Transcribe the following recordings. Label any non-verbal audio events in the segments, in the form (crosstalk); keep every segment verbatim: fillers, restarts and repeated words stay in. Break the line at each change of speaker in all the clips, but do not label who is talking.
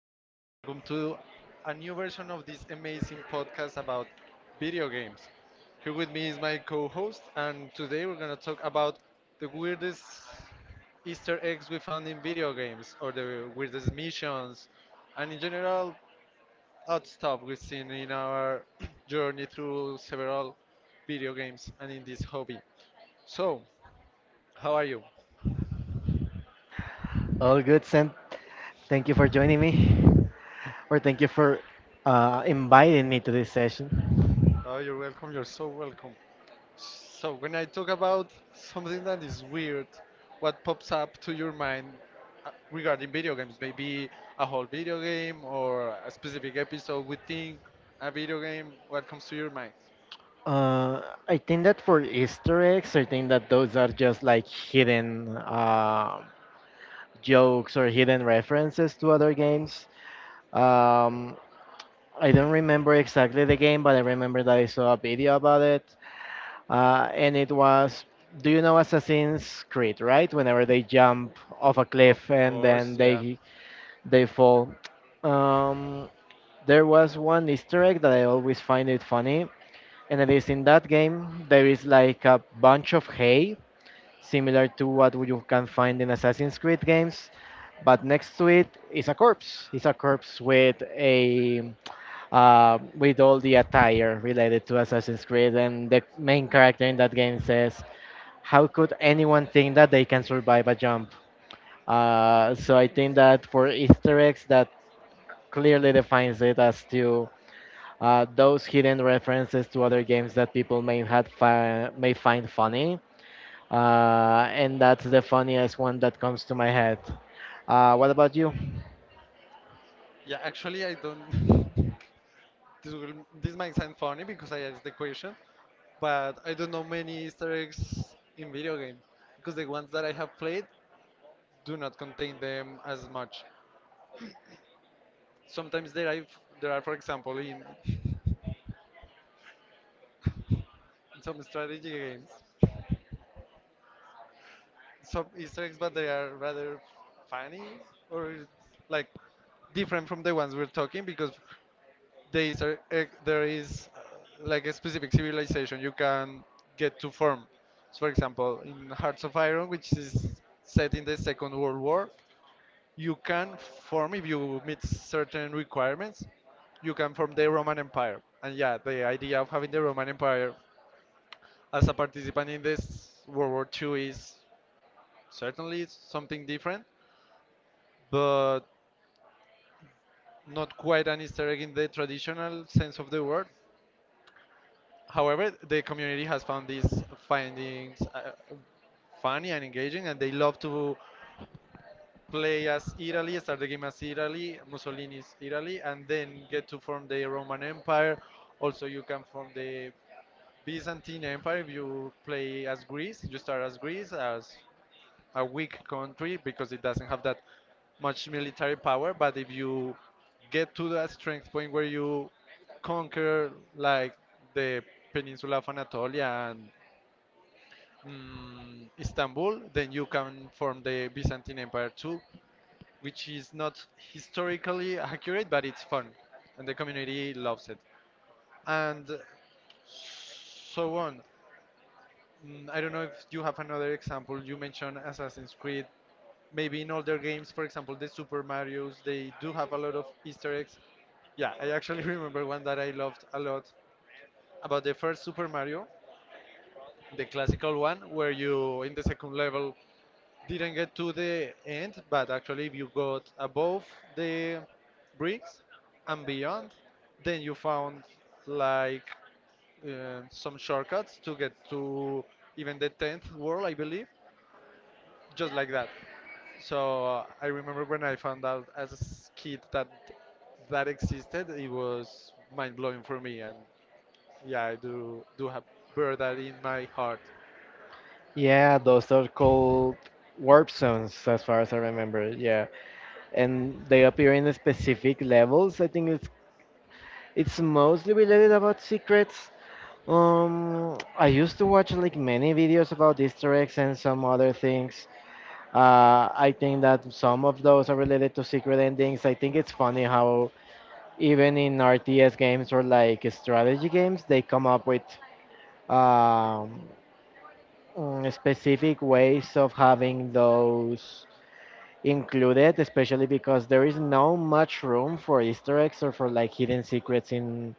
everyone. Welcome to a new version of this amazing podcast about video games. Here with me is my co-host and today we're going to talk about the weirdest Easter eggs we found in video games or the weirdest missions and in general odd stuff we've seen in our (clears throat) journey through several video games and in this hobby. So, how are you?
All good, Sam. Thank you for joining me, or thank you for uh, inviting me to this session.
Oh, you're welcome. You're so welcome. So when I talk about something that is weird, what pops up to your mind uh, regarding video games? Maybe a whole video game or a specific episode within a video game. What comes to your mind?
Uh, I think that for Easter eggs, I think that those are just like hidden uh, jokes or hidden references to other games. Um, I don't remember exactly the game, but I remember that I saw a video about it, uh, and it was. Do you know Assassin's Creed, right? Whenever they jump off a
Of
cliff and
course,
then
yeah.
they They fall. Um, there was one Easter egg that I always find it funny, and it is in that game there is like a bunch of hay, similar to what you can find in Assassin's Creed games, but next to it is a corpse. It's a corpse with a uh, with all the attire related to Assassin's Creed, and the main character in that game says, "How could anyone think that they can survive a jump?" Uh, so I think that for Easter eggs that clearly defines it as to uh, those hidden references to other games that people may had fi- may find funny, uh, and that's the funniest one that comes to my head. Uh, what about you?
Yeah, actually, I don't. (laughs) this will this might sound funny because I asked the question, but I don't know many Easter eggs in video games because the ones that I have played do not contain them as much. Sometimes there are, there are, for example, in some strategy games, some Easter eggs, but they are rather funny or like different from the ones we're talking because there is, a, a- there is uh, like a specific civilization you can get to form. So, for example, in Hearts of Iron, which is set in the Second World War, you can form if you meet certain requirements. You can form the Roman Empire, and yeah, the idea of having the Roman Empire as a participant in this World War two is certainly something different, but not quite an Easter egg in the traditional sense of the word. However, the community has found these findings uh, funny and engaging, and they love to play as Italy, start the game as Italy, Mussolini's Italy, and then get to form the Roman Empire. Also, you can form the Byzantine Empire if you play as Greece. You start as Greece, as a weak country because it doesn't have that much military power. But if you get to that strength point where you conquer like the peninsula of Anatolia and mm, Istanbul, then you can form the Byzantine Empire too, which is not historically accurate, but it's fun, and the community loves it. And so on. Mm, I don't know if you have another example. You mentioned Assassin's Creed maybe in older games, for example, the Super Mario's, they do have a lot of Easter eggs. Yeah, I actually (laughs) remember one that I loved a lot about the first Super Mario, the classical one, where you in the second level didn't get to the end, but actually, if you got above the bricks and beyond, then you found like uh, some shortcuts to get to even the tenth world, I believe. Just like that. So uh, I remember when I found out as a s- kid that that existed, it was mind blowing for me, and yeah, I do do have bear that in my heart.
Yeah, those are called warp zones, as far as I remember. Yeah, and they appear in specific levels. I think it's it's mostly related about secrets. Um, I used to watch like many videos about Easter eggs and some other things. Uh, I think that some of those are related to secret endings. I think it's funny how even in R T S games or like strategy games, they come up with um, mm, specific ways of having those included, especially because there is no much room for Easter eggs or for like hidden secrets in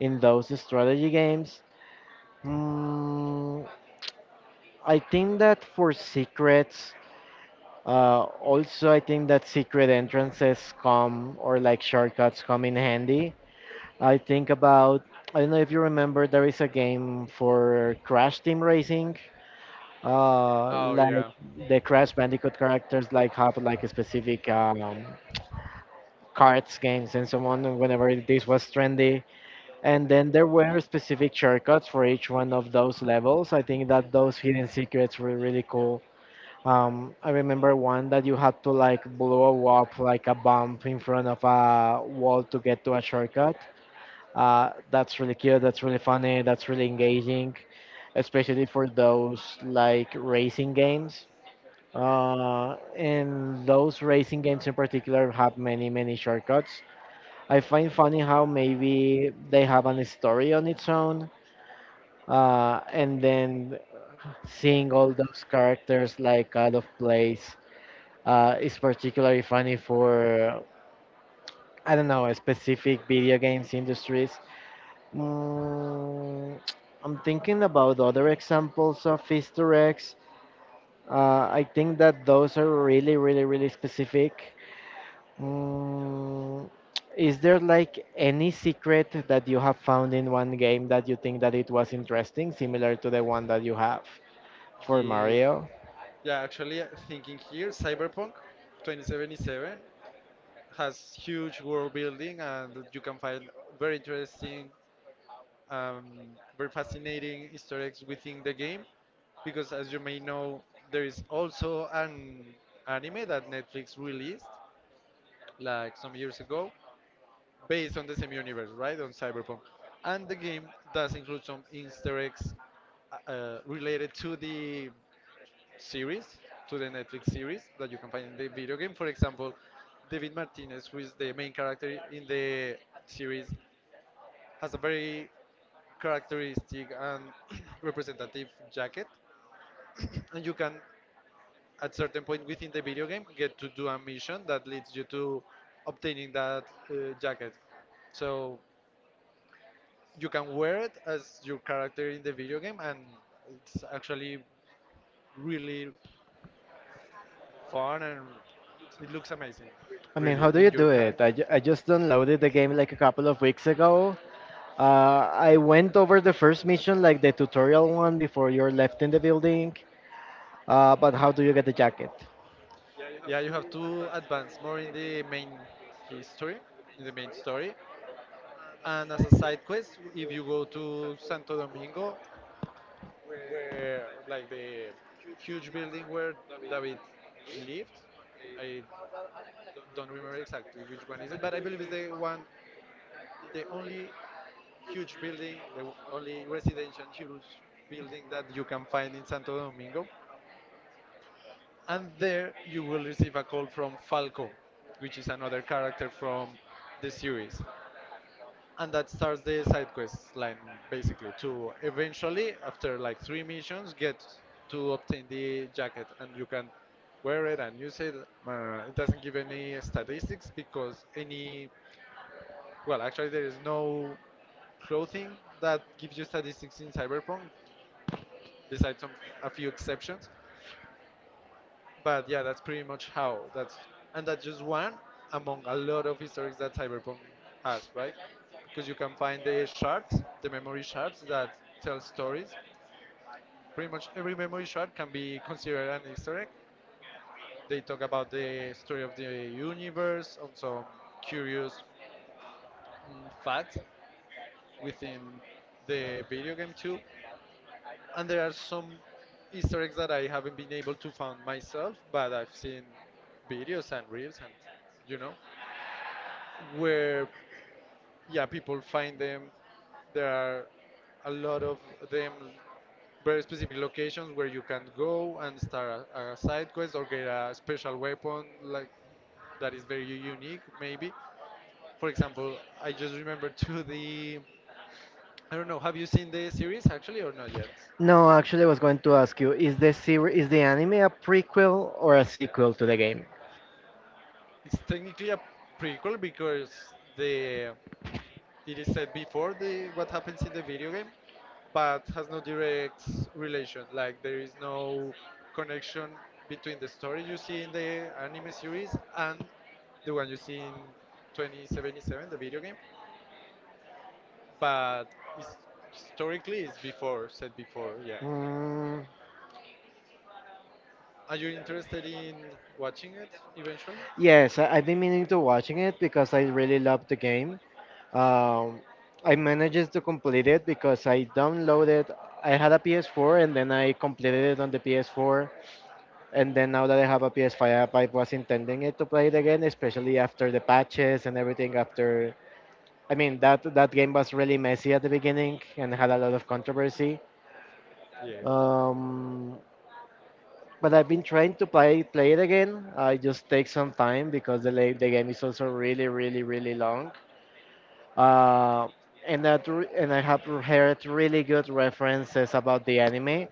in those strategy games. Mm, I think that for secrets. Uh, also, I think that secret entrances come or like shortcuts come in handy. I think about, I don't know if you remember, there is a game for Crash Team Racing. Uh,
Oh
like
yeah,
the Crash Bandicoot characters like have like a specific um, cards games and so on. And whenever this was trendy, and then there were specific shortcuts for each one of those levels. I think that those hidden secrets were really cool. um, I remember one that you had to like blow up like a bump in front of a wall to get to a shortcut. Uh, that's really cute. That's really funny. That's really engaging, especially for those like racing games. Uh, and those racing games in particular have many, many shortcuts. I find funny how maybe they have an story on its own. Uh, and then seeing all those characters like out of place uh, is particularly funny for I don't know specific video games industries. Mm, (tsk) I'm thinking about other examples of Easter eggs. Uh, I think that those are really, really, really specific. Mm, (tsk) is there like any secret that you have found in one game that you think that it was interesting, similar to the one that you have for
yeah,
Mario?
yeah. Actually, uh, thinking here, Cyberpunk twenty seventy-seven has huge world building, and you can find very interesting um, very fascinating Easter eggs within the game because, as you may know, there is also an anime that Netflix released like some years ago based on the same universe, right? On Cyberpunk. And the game does include some Easter eggs uh, related to the series, to the Netflix series that you can find in the video game. For example, David Martinez, who is the main character in the series, has a very characteristic and (clears throat) representative jacket (coughs) and you can at certain point within the video game get to do a mission that leads you to obtaining that uh, jacket so you can wear it as your character in the video game and it's actually really fun and it looks amazing
I
really
mean,
in
how do
your
you do
character.
it? I, ju- I just downloaded the game like a couple of weeks ago. Uh, I went over the first mission, like the tutorial one, before you're left in the building. Uh, but how do you get the jacket?
Yeah, you have to advance more in the main history in the main story, and as a side quest if you go to Santo Domingo where like the huge building where David lived. I don't remember exactly which one is it, but I believe it's the one, the only huge building, the w- only residential huge building that you can find in Santo Domingo. And there you will receive a call from Falco, which is another character from the series. And that starts the side quest line basically to eventually after like three missions get to obtain the jacket and you can wear it and use it. Uh, it doesn't give any statistics because any well actually there is no clothing that gives you statistics in Cyberpunk besides some a few exceptions. But yeah, that's pretty much how that's and that's just one among a lot of histories that Cyberpunk has, right? Because you can find the shards, the memory shards that tell stories. Pretty much every memory shard can be considered an Easter egg. They talk about the story of the universe, on some curious mm, fact within the video game too. And there are some Easter eggs that I haven't been able to find myself, but I've seen videos and reels and you know, where yeah people find them. There are a lot of them, very specific locations where you can go and start a, a side quest or get a special weapon like that is very unique. Maybe, for example, I just remember to the I don't know have you seen the series actually or not yet?
No, actually, I was going to ask you: is the series, is the anime a prequel or a sequel to the game?
It's technically a prequel because the it is said before the what happens in the video game, but has no direct relation. Like there is no connection between the story you see in the anime series and the one you see in twenty seventy-seven, the video game. But it's, historically, it's before said before. Yeah.
Mm.
Are you interested in watching it eventually?
Yes, I, I've been meaning to watching it because I really love the game. Um, I managed to complete it because I downloaded. I had a P S four and then I completed it on the P S four. And then now that I have a P S five, I was intending it to play it again, especially after the patches and everything. After I mean that that game was really messy at the beginning and had a lot of controversy.
Yeah.
Um, But I've been trying to play play it again. Uh, It just takes some time because the la- the game is also really really really long. Uh, and that re- and I have heard really good references about the anime.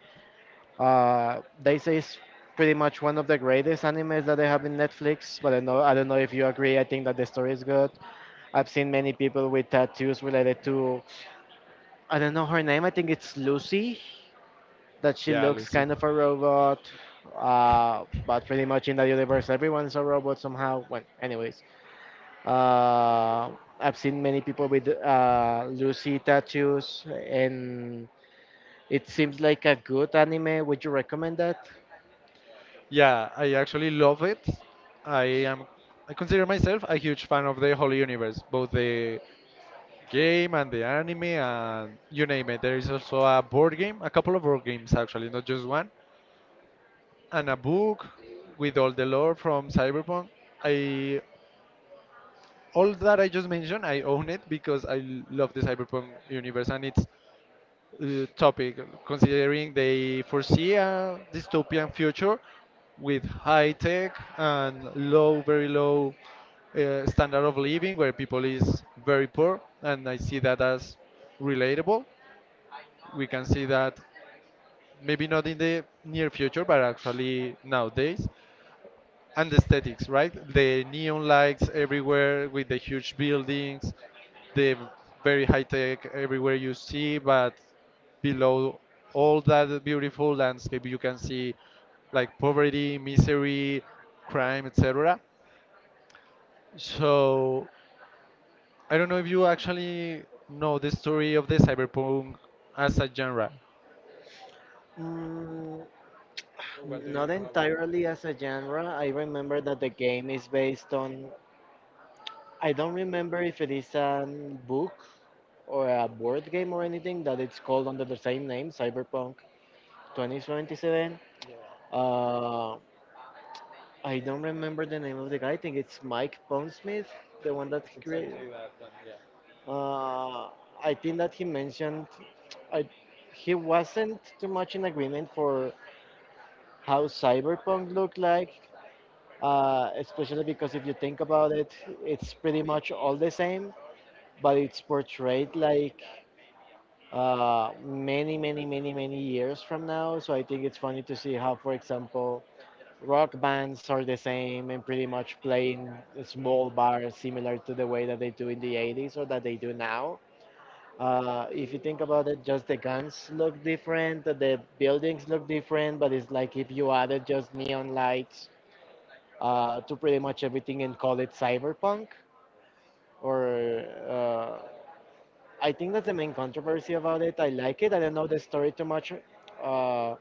Uh, they say it's pretty much one of the greatest animes that they have in Netflix. But I know I don't know if you agree. I think that the story is good. I've seen many people with tattoos related to I don't know her name. I think it's Lucy. That she
Yeah,
looks
Lucy.
kind of a robot, uh, but pretty much in that universe, everyone's a robot somehow. Well, anyways, uh, I've seen many people with uh, Lucy tattoos, and it seems like a good anime. Would you recommend that?
Yeah, I actually love it. I am I consider myself a huge fan of the whole universe, both the game and the anime and you name it. There is also a board game, a couple of board games actually, not just one, and a book with all the lore from Cyberpunk. I All that I just mentioned, I own it because I l- love the Cyberpunk universe and its uh, topic. Considering they foresee a dystopian future with high tech and low, very low uh, standard of living, where people is very poor, and I see that as relatable. We can see that maybe not in the near future, but actually nowadays. And the aesthetics, right? The neon lights everywhere with the huge buildings, the very high tech everywhere you see, but below all that beautiful landscape, you can see like poverty, misery, crime, et cetera. So I don't know if you actually know the story of the cyberpunk as a genre.
Mm,
What do you?
Not entirely as a genre. I remember that the game is based on. I don't remember if it is a book or a board game or anything that it's called under the same name, Cyberpunk. twenty seventy-seven.
Yeah.
Uh, I don't remember the name of the guy. I think it's Mike Pondsmith, the one that
It's
he
exactly
created.
that one, yeah.
Uh, I think that he mentioned I, he wasn't too much in agreement for how cyberpunk looked like, uh, especially because if you think about it, it's pretty much all the same, but it's portrayed like uh, many, many, many, many years from now. So I think it's funny to see how, for example, rock bands are the same and pretty much play in a small bars similar to the way that they do in the eighties or that they do now. Uh, if you think about it, just the guns look different, the buildings look different, but it's like if you added just neon lights uh, to pretty much everything and call it cyberpunk. Or uh, I think that's the main controversy about it. I like it. I don't know the story too much. Uh,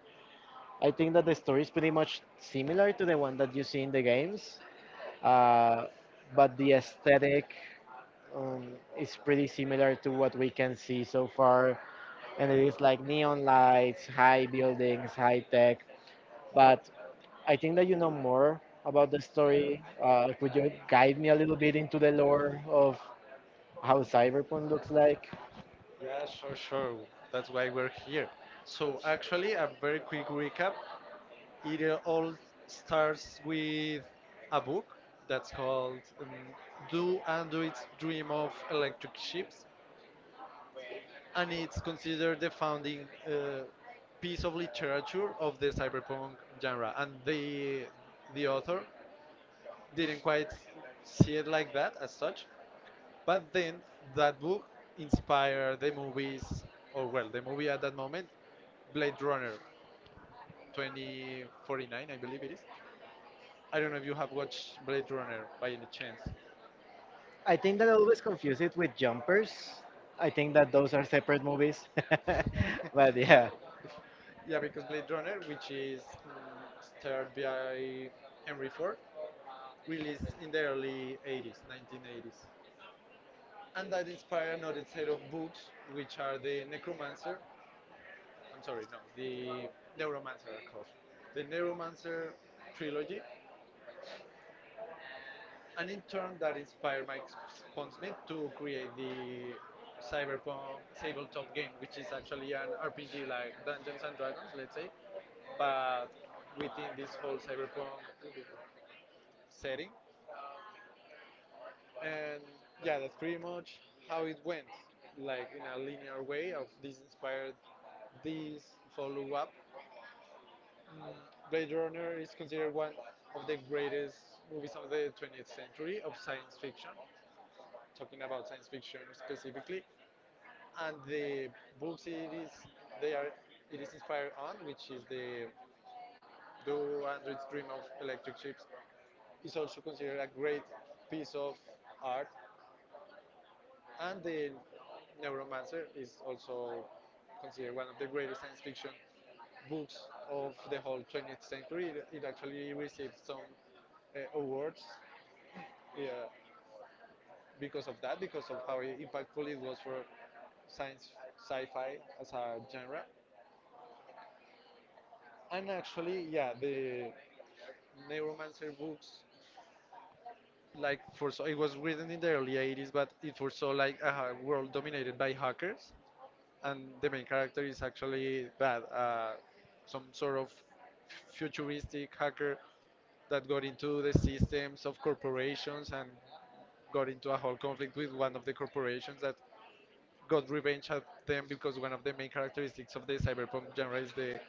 I think that the story is pretty much similar to the one that you see in the games, uh, but the aesthetic um, is pretty similar to what we can see so far, and it is like neon lights, high buildings, high tech. But I think that you know more about the story. Uh, could you guide me a little bit into the lore of how cyberpunk looks like?
Yeah, sure, sure. That's why we're here. So, actually, a very quick recap. It uh, all starts with a book that's called um, Do Androids Dream of Electric Ships? And it's considered the founding uh, piece of literature of the cyberpunk genre. And the, the author didn't quite see it like that as such. But then that book inspired the movies, or well, the movie at that moment, Blade Runner twenty forty-nine, I believe it is. I don't know if you have watched Blade Runner by any chance. (laughs)
I think that I always confuse it with jumpers. I think that those are separate movies, (laughs) but
Uh,
yeah.
yeah, because Blade Runner, which is mm, starred by Henry Ford, released in the early eighties, nineteen eighties. And that inspired another set of books, which are the Necromancer. I'm sorry, no, the Neuromancer. I called The Neuromancer trilogy, and in turn that inspired Mike Pondsmith to create the cyberpunk tabletop game, which is actually an R P G like Dungeons and Dragons, let's say, but within this whole cyberpunk setting. And yeah, that's pretty much how it went, like in a linear way of this inspired this follow-up. Mm, Blade Runner is considered one of the greatest movies of the twentieth century of science fiction, talking about science fiction specifically. And the books it is they are it is inspired on, which is the Do Androids Dream of Electric Ships, is also considered a great piece of art. And the Neuromancer is also considered one of the greatest science fiction books of the whole twentieth century. It, it actually received some uh, awards, yeah, because of that, because of how impactful it was for science sci-fi as a genre. And actually, yeah, the Neuromancer books, like for so it was written in the early eighties, but it foresaw like a world dominated by hackers, and the main character is actually that uh, some sort of futuristic hacker that got into the systems of corporations and got into a whole conflict with one of the corporations, that got revenge at them, because one of the main characteristics of the cyberpunk genre is the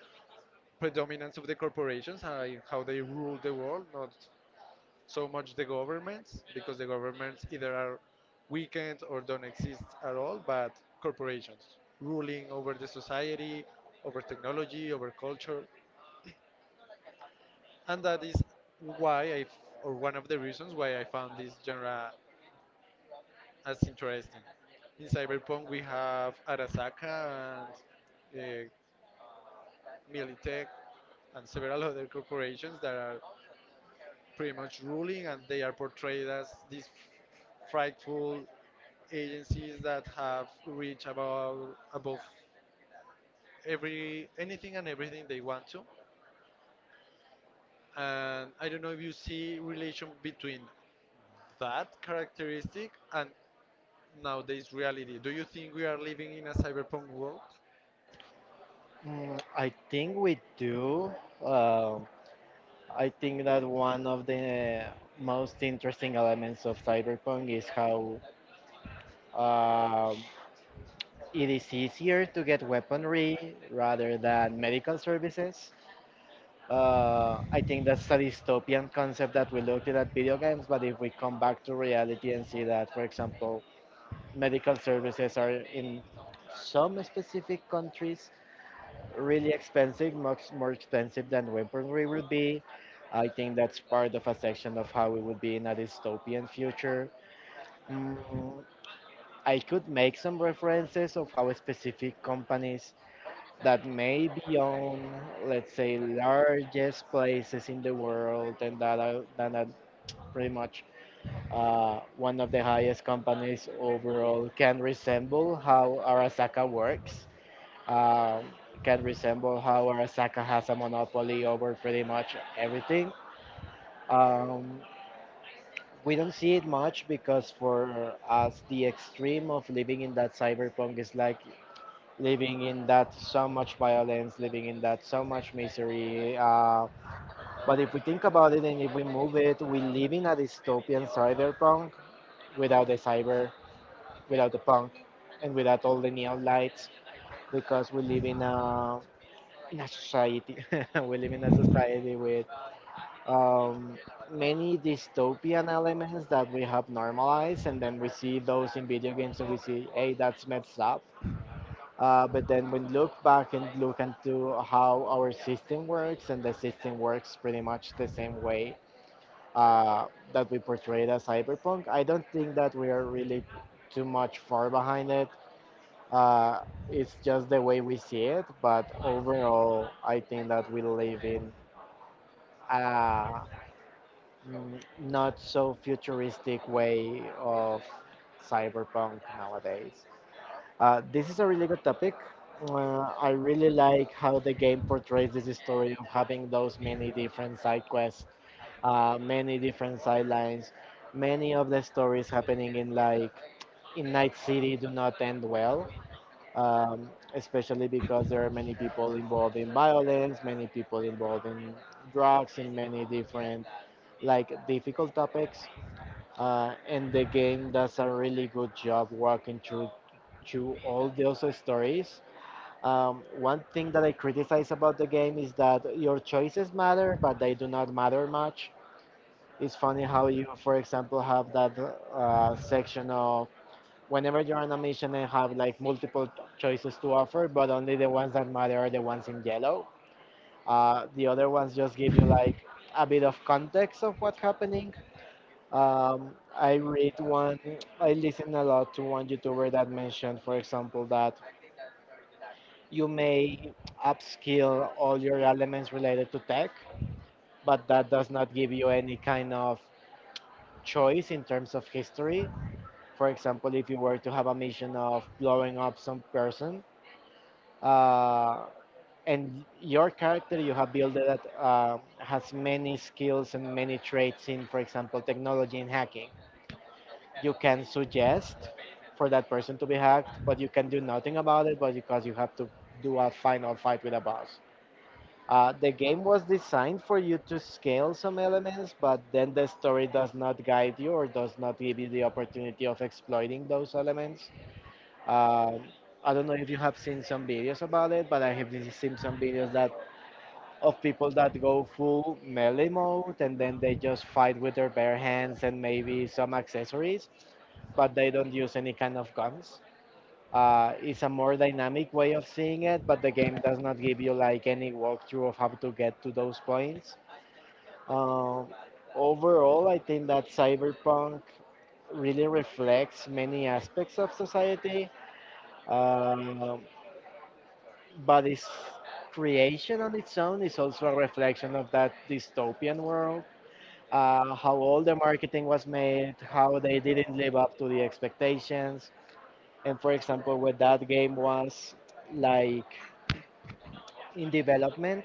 predominance of the corporations and how they rule the world, not so much the governments, because the governments either are weakened or don't exist at all, but corporations ruling over the society, over technology, over culture, and that is why I, f- or one of the reasons why I found this genre as interesting. In Cyberpunk, we have Arasaka and uh, Militech and several other corporations that are pretty much ruling, and they are portrayed as these frightful agencies that have reached above above every anything and everything they want to. And I don't know if you see relation between that characteristic and nowadays reality. Do you think we are living in a cyberpunk world?
Mm, I think we do. Um, I think that one of the most interesting elements of cyberpunk is how um, it is easier to get weaponry rather than medical services. Uh, I think that's a dystopian concept that we looked at at video games, but if we come back to reality and see that, for example, medical services are in some specific countries really expensive, much more expensive than weaponry would be. I think that's part of a section of how it would be in a dystopian future. Mm, I could make some references of how specific companies that may be on, let's say, largest places in the world and that are, that are pretty much uh, one of the highest companies overall can resemble how Arasaka works, uh, can resemble how Arasaka has a monopoly over pretty much everything. Um, we don't see it much because for us, the extreme of living in that cyberpunk is like living in that so much violence, living in that so much misery. Uh, but if we think about it and if we move it, we live in a dystopian cyberpunk without the cyber, without the punk, and without all the neon lights because we live in a in a society (laughs) we live in a society with um, many dystopian elements that we have normalized and then we see those in video games and we see hey that's messed up. Uh, but then when look back and look into how our system works, and the system works pretty much the same way uh, that we portrayed as cyberpunk, I don't think that we are really too much far behind it. uh, it's just the way we see it, but overall I think that we live in a mm, not so futuristic way of cyberpunk nowadays. Uh, this is a really good topic. Uh, I really like how the game portrays this story of having those many different side quests, uh, many different sidelines. Many of the stories happening in like in Night City do not end well, um, especially because there are many people involved in violence, many people involved in drugs, in many different like difficult topics, uh, and the game does a really good job walking through through all those stories. Um, one thing that I criticize about the game is that your choices matter, but they do not matter much. It's funny how you, for example, have that uh, section of whenever you're on a mission and have like multiple choices to offer, but only the ones that matter are the ones in yellow. Uh, the other ones just give you like a bit of context of what's happening, Um, I read one, I listen a lot to one YouTuber that mentioned, for example, that you may upskill all your elements related to tech, but that does not give you any kind of choice in terms of history. For example, if you were to have a mission of blowing up some person, uh, and your character you have built that um has many skills and many traits in, for example, technology and hacking you can suggest for that person to be hacked, but you can do nothing about it, but because you have to do a final fight with a boss. Uh, the game was designed for you to scale some elements, but then the story does not guide you or does not give you the opportunity of exploiting those elements. Um I don't know if you have seen some videos about it, but I have seen some videos that of people that go full melee mode and then they just fight with their bare hands and maybe some accessories, but they don't use any kind of guns. Uh, it's a more dynamic way of seeing it, but the game does not give you like any walkthrough of how to get to those points. Um, Overall, I think that Cyberpunk really reflects many aspects of society. Um but its creation on its own is also a reflection of that dystopian world. Uh, how all the marketing was made, how they didn't live up to the expectations, and for example, where that game was like in development,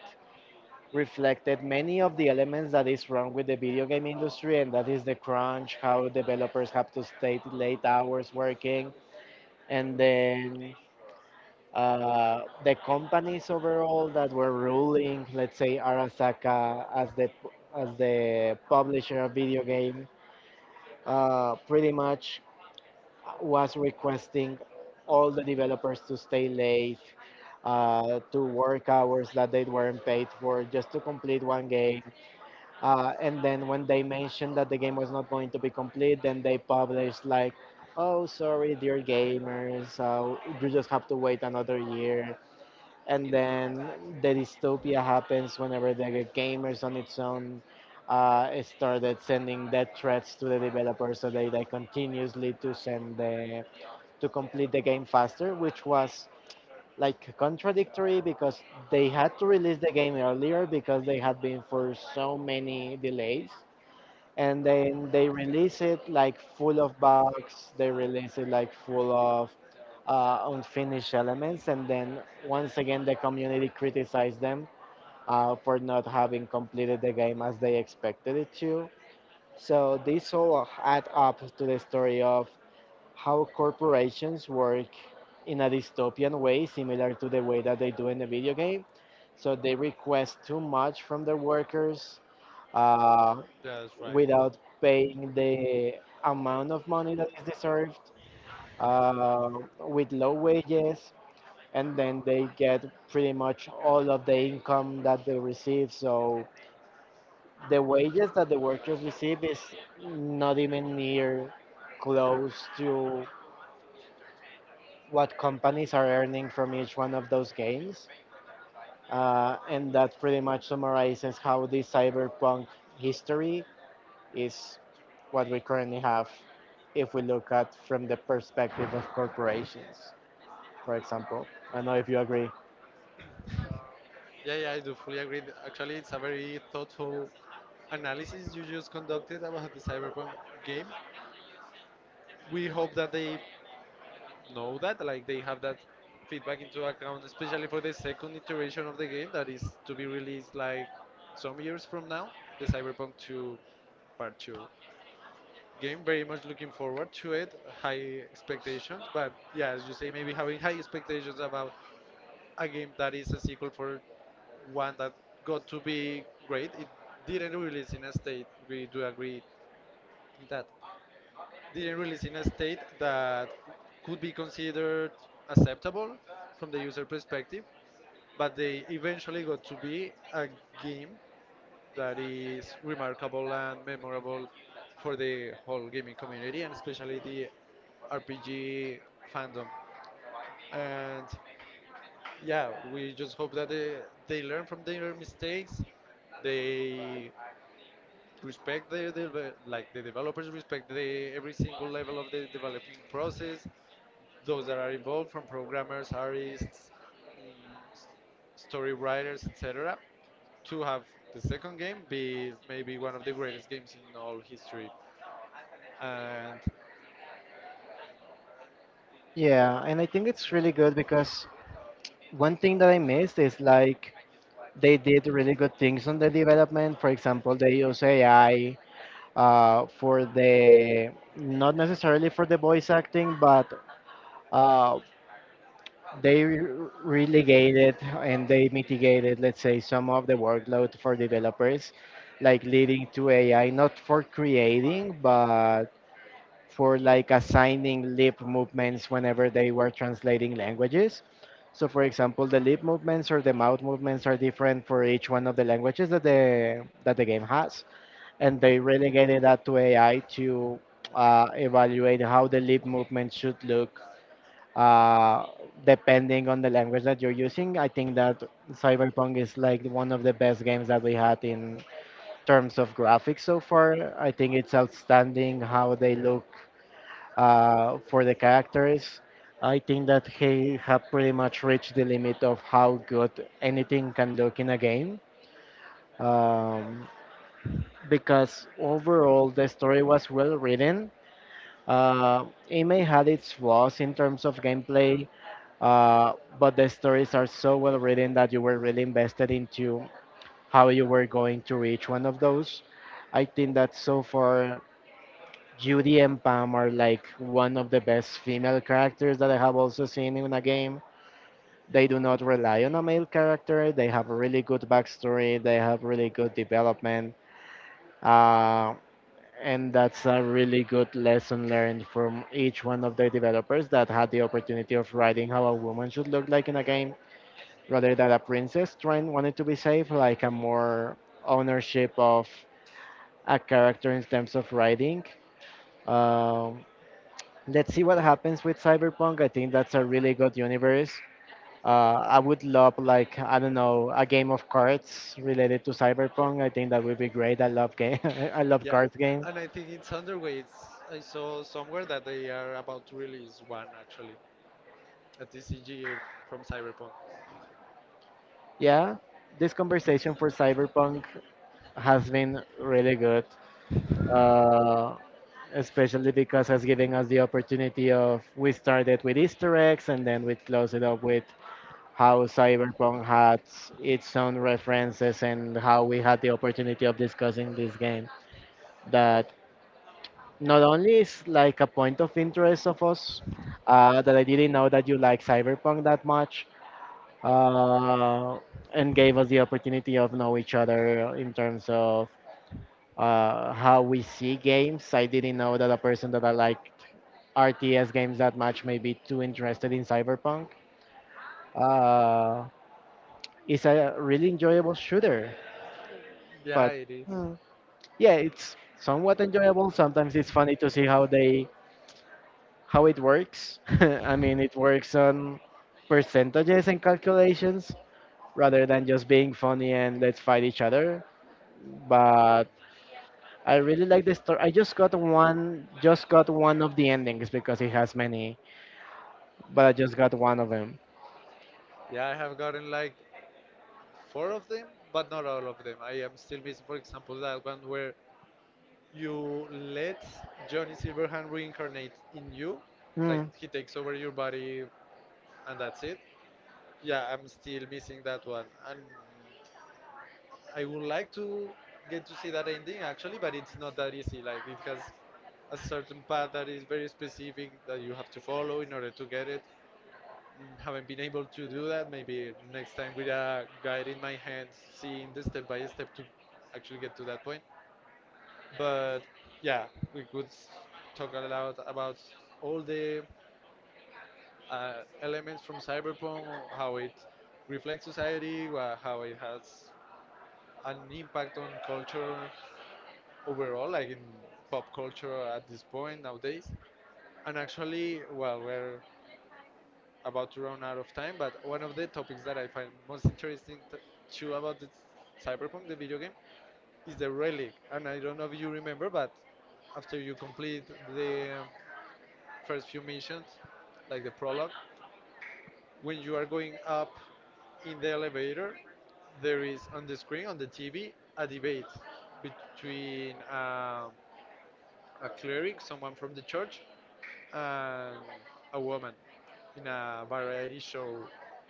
reflected many of the elements that is wrong with the video game industry, and that is the crunch, how developers have to stay late hours working, and then Uh, the companies overall that were ruling, let's say Arasaka as the as the publisher of video game, uh, pretty much was requesting all the developers to stay late, uh, to work hours that they weren't paid for just to complete one game. Uh, and then when they mentioned that the game was not going to be complete, then they published like, "Oh, sorry, dear gamers, uh, you just have to wait another year." And then the dystopia happens whenever the gamers on its own uh, started sending death threats to the developers so they like continuously to send the to complete the game faster which was like contradictory because they had to release the game earlier because they had been for so many delays and then they release it like full of bugs they release it like full of uh, unfinished elements and then once again the community criticized them uh, for not having completed the game as they expected it to. So this all add up to the story of how corporations work in a dystopian way similar to the way that they do in the video game. So they request too much from their workers, uh,
That's right. Without
without
paying
paying
the
the
amount
amount
of
of
money
money that
that is
is
deserved.
deserved, uh, with low wages, and then they get pretty much all of the income that they receive. So the wages that the workers receive is not even near close to what companies are earning from each one of those games. Uh, and that pretty much summarizes how the cyberpunk history is what we currently have if we look at from the perspective of corporations, for example. I don't know if you agree.
Yeah, yeah, I do fully agree. Actually, it's a very thoughtful analysis you just conducted about the Cyberpunk game. We hope that they know that, like, they have that feedback into account, especially for the second iteration of the game that is to be released like some years from now, the Cyberpunk two, Part two game. Very much looking forward to it. High expectations, but yeah, as you say, maybe having high expectations about a game that is a sequel for one that got to be great. It didn't release in a state. We do agree in that. Didn't release in a state that could be considered acceptable from the user perspective, but they eventually got to be a game that is remarkable and memorable for the whole gaming community, and especially the R P G fandom. And yeah, we just hope that they, they learn from their mistakes. They respect the, the like the developers respect the every single level of the developing process, those that are involved, from programmers, artists, mm, s- story writers, etc., to have the second game be maybe one of the greatest games in all history. And
Yeah, and I think it's really good because one thing that I missed is like they did really good things on the development. For example, they use A I uh, for the not necessarily for the voice acting, but uh, they re- relegated and they mitigated, let's say, some of the workload for developers, like leading to A I, not for creating, but for like assigning lip movements whenever they were translating languages. So, for example, the lip movements or the mouth movements are different for each one of the languages that the that the game has, and they relegated that to A I to uh, evaluate how the lip movement should look uh, depending on the language that you're using. I think that Cyberpunk is like one of the best games that we had in terms of graphics so far. I think it's outstanding how they look
yeah.
uh, for the characters. I think that they have pretty much reached the limit of how good anything can look in a game. Um, because overall the story was well written. Uh, it may had its flaws in terms of gameplay, uh, but the stories are so well written that you were really invested into how you were going to reach one of those. I think that so far Judy and Pam are like one of the best female characters that I have also seen in a game. They do not rely on a male character. They have a really good backstory. They have really good development. Uh, and that's a really good lesson learned from each one of the developers that had the opportunity of writing how a woman should look like in a game rather than a princess trying wanted to be safe, like a more ownership of a character in terms of writing. Um, let's see what happens with Cyberpunk. I think that's a really good universe. Uh, I would love like I don't know a game of cards related to Cyberpunk. I think that would be great. I love game. (laughs) I love
Yeah,
cards games.
and I think it's underway. It's, I saw somewhere that they are about to release one actually at the C G A from cyberpunk.
Yeah, this conversation for Cyberpunk has been really good. uh, Especially because it's giving us the opportunity of we started with Easter eggs and then we closed it up with how Cyberpunk had its own references and how we had the opportunity of discussing this game that not only is like a point of interest of us, uh, that I didn't know that you like Cyberpunk that much, uh, and gave us the opportunity of know each other in terms of uh, how we see games. I didn't know that a person that I like R T S games that much maybe too interested in Cyberpunk. Uh, it's a really enjoyable shooter,
Yeah,
but
it is.
mm, yeah, it's somewhat enjoyable. Sometimes it's funny to see how they how it works. (laughs) I mean, it works on percentages and calculations rather than just being funny and let's fight each other. But I really like the story. I just got one, just got one of the endings because it has many, but I just got one of them.
Yeah, I have gotten like four of them, but not all of them. I am still missing, for example, that one where you let Johnny Silverhand reincarnate in you, like he takes over your body and that's it. Yeah, I'm still missing that one, and I would like to get to see that ending actually, but it's not that easy. Like it has a certain path that is very specific that you have to follow in order to get it. Mm, haven't been able to do that. Maybe next time with a guide in my hand, seeing the step by step to actually get to that point. But yeah, we could s- talk a lot about all the uh, elements from cyberpunk, how it reflects society, wha- how it has an impact on culture overall, like in pop culture at this point nowadays. And actually, well, we're about to run out of time, but one of the topics that I find most interesting t- too about the Cyberpunk, the video game, is the relic. And I don't know if you remember, but after you complete the um, first few missions, like the prologue, when you are going up in the elevator, there is on the screen, on the T V, a debate between um, a cleric, someone from the church, and a woman in a variety show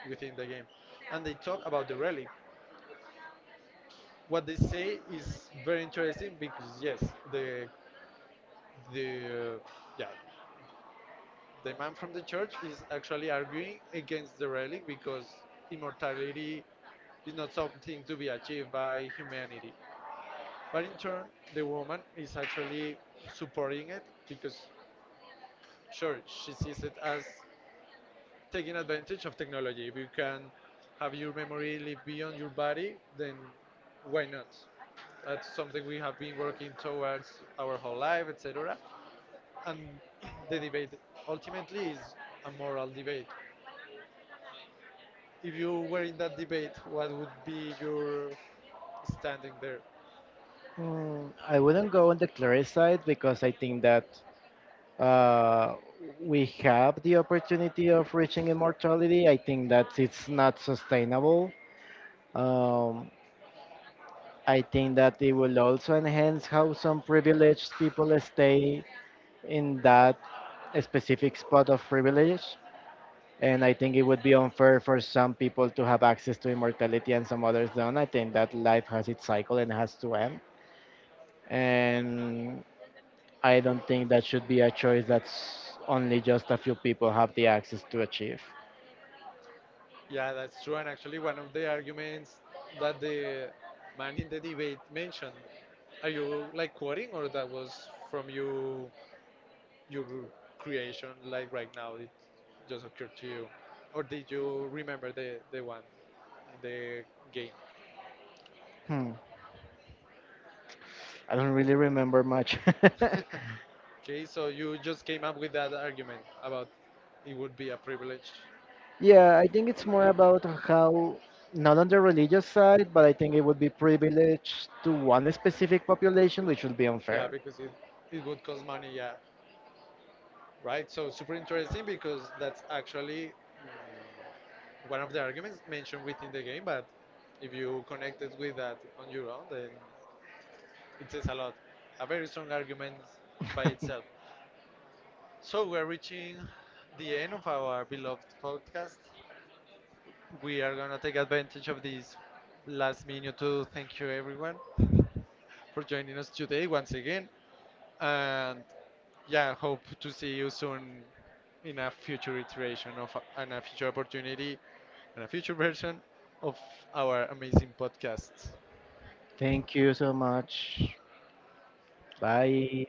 within the game. And they talk about the relic. What they say is very interesting because yes, the the uh, yeah the man from the church is actually arguing against the relic because immortality is not something to be achieved by humanity. But in turn, the woman is actually supporting it because, sure, she sees it as taking advantage of technology. If you can have your memory live beyond your body, then why not? That's something we have been working towards our whole life, et cetera. And the debate ultimately is a moral debate. If you were in that debate, what would be your standing there?
Mm, I wouldn't go on the clear side because I think that uh, we have the opportunity of reaching immortality. I think that it's not sustainable. Um, I think that it will also enhance how some privileged people stay in that specific spot of privilege. And I think it would be unfair for some people to have access to immortality and some others don't. I think that life has its cycle and has to end. And I don't think that should be a choice that's only just a few people have the access to achieve.
Yeah, that's true. And actually, one of the arguments that the man in the debate mentioned, are you like quoting, or that was from you, your creation, like right now it just occurred to you, or did you remember the the one in the game?
Hmm. I don't really remember much.
(laughs) Okay, so you just came up with that argument about it would be a privilege.
(laughs) Yeah, I think it's more
Okay.
about how, not on the religious side, but I think it would be privileged to one specific population, which would be
Yeah,
unfair.
because it it would cost money. Yeah, right, so super interesting, because that's actually one of the arguments mentioned within the game, but if you connect it with that on your own, then it says a lot. A very strong argument by
(laughs)
itself. So we're reaching the end of our beloved podcast. We are gonna take advantage of this last minute to thank you everyone for joining us today once again. And yeah, hope to see you soon in a future iteration of, and a future opportunity, and a future version of our amazing podcast.
Thank you so much. Bye.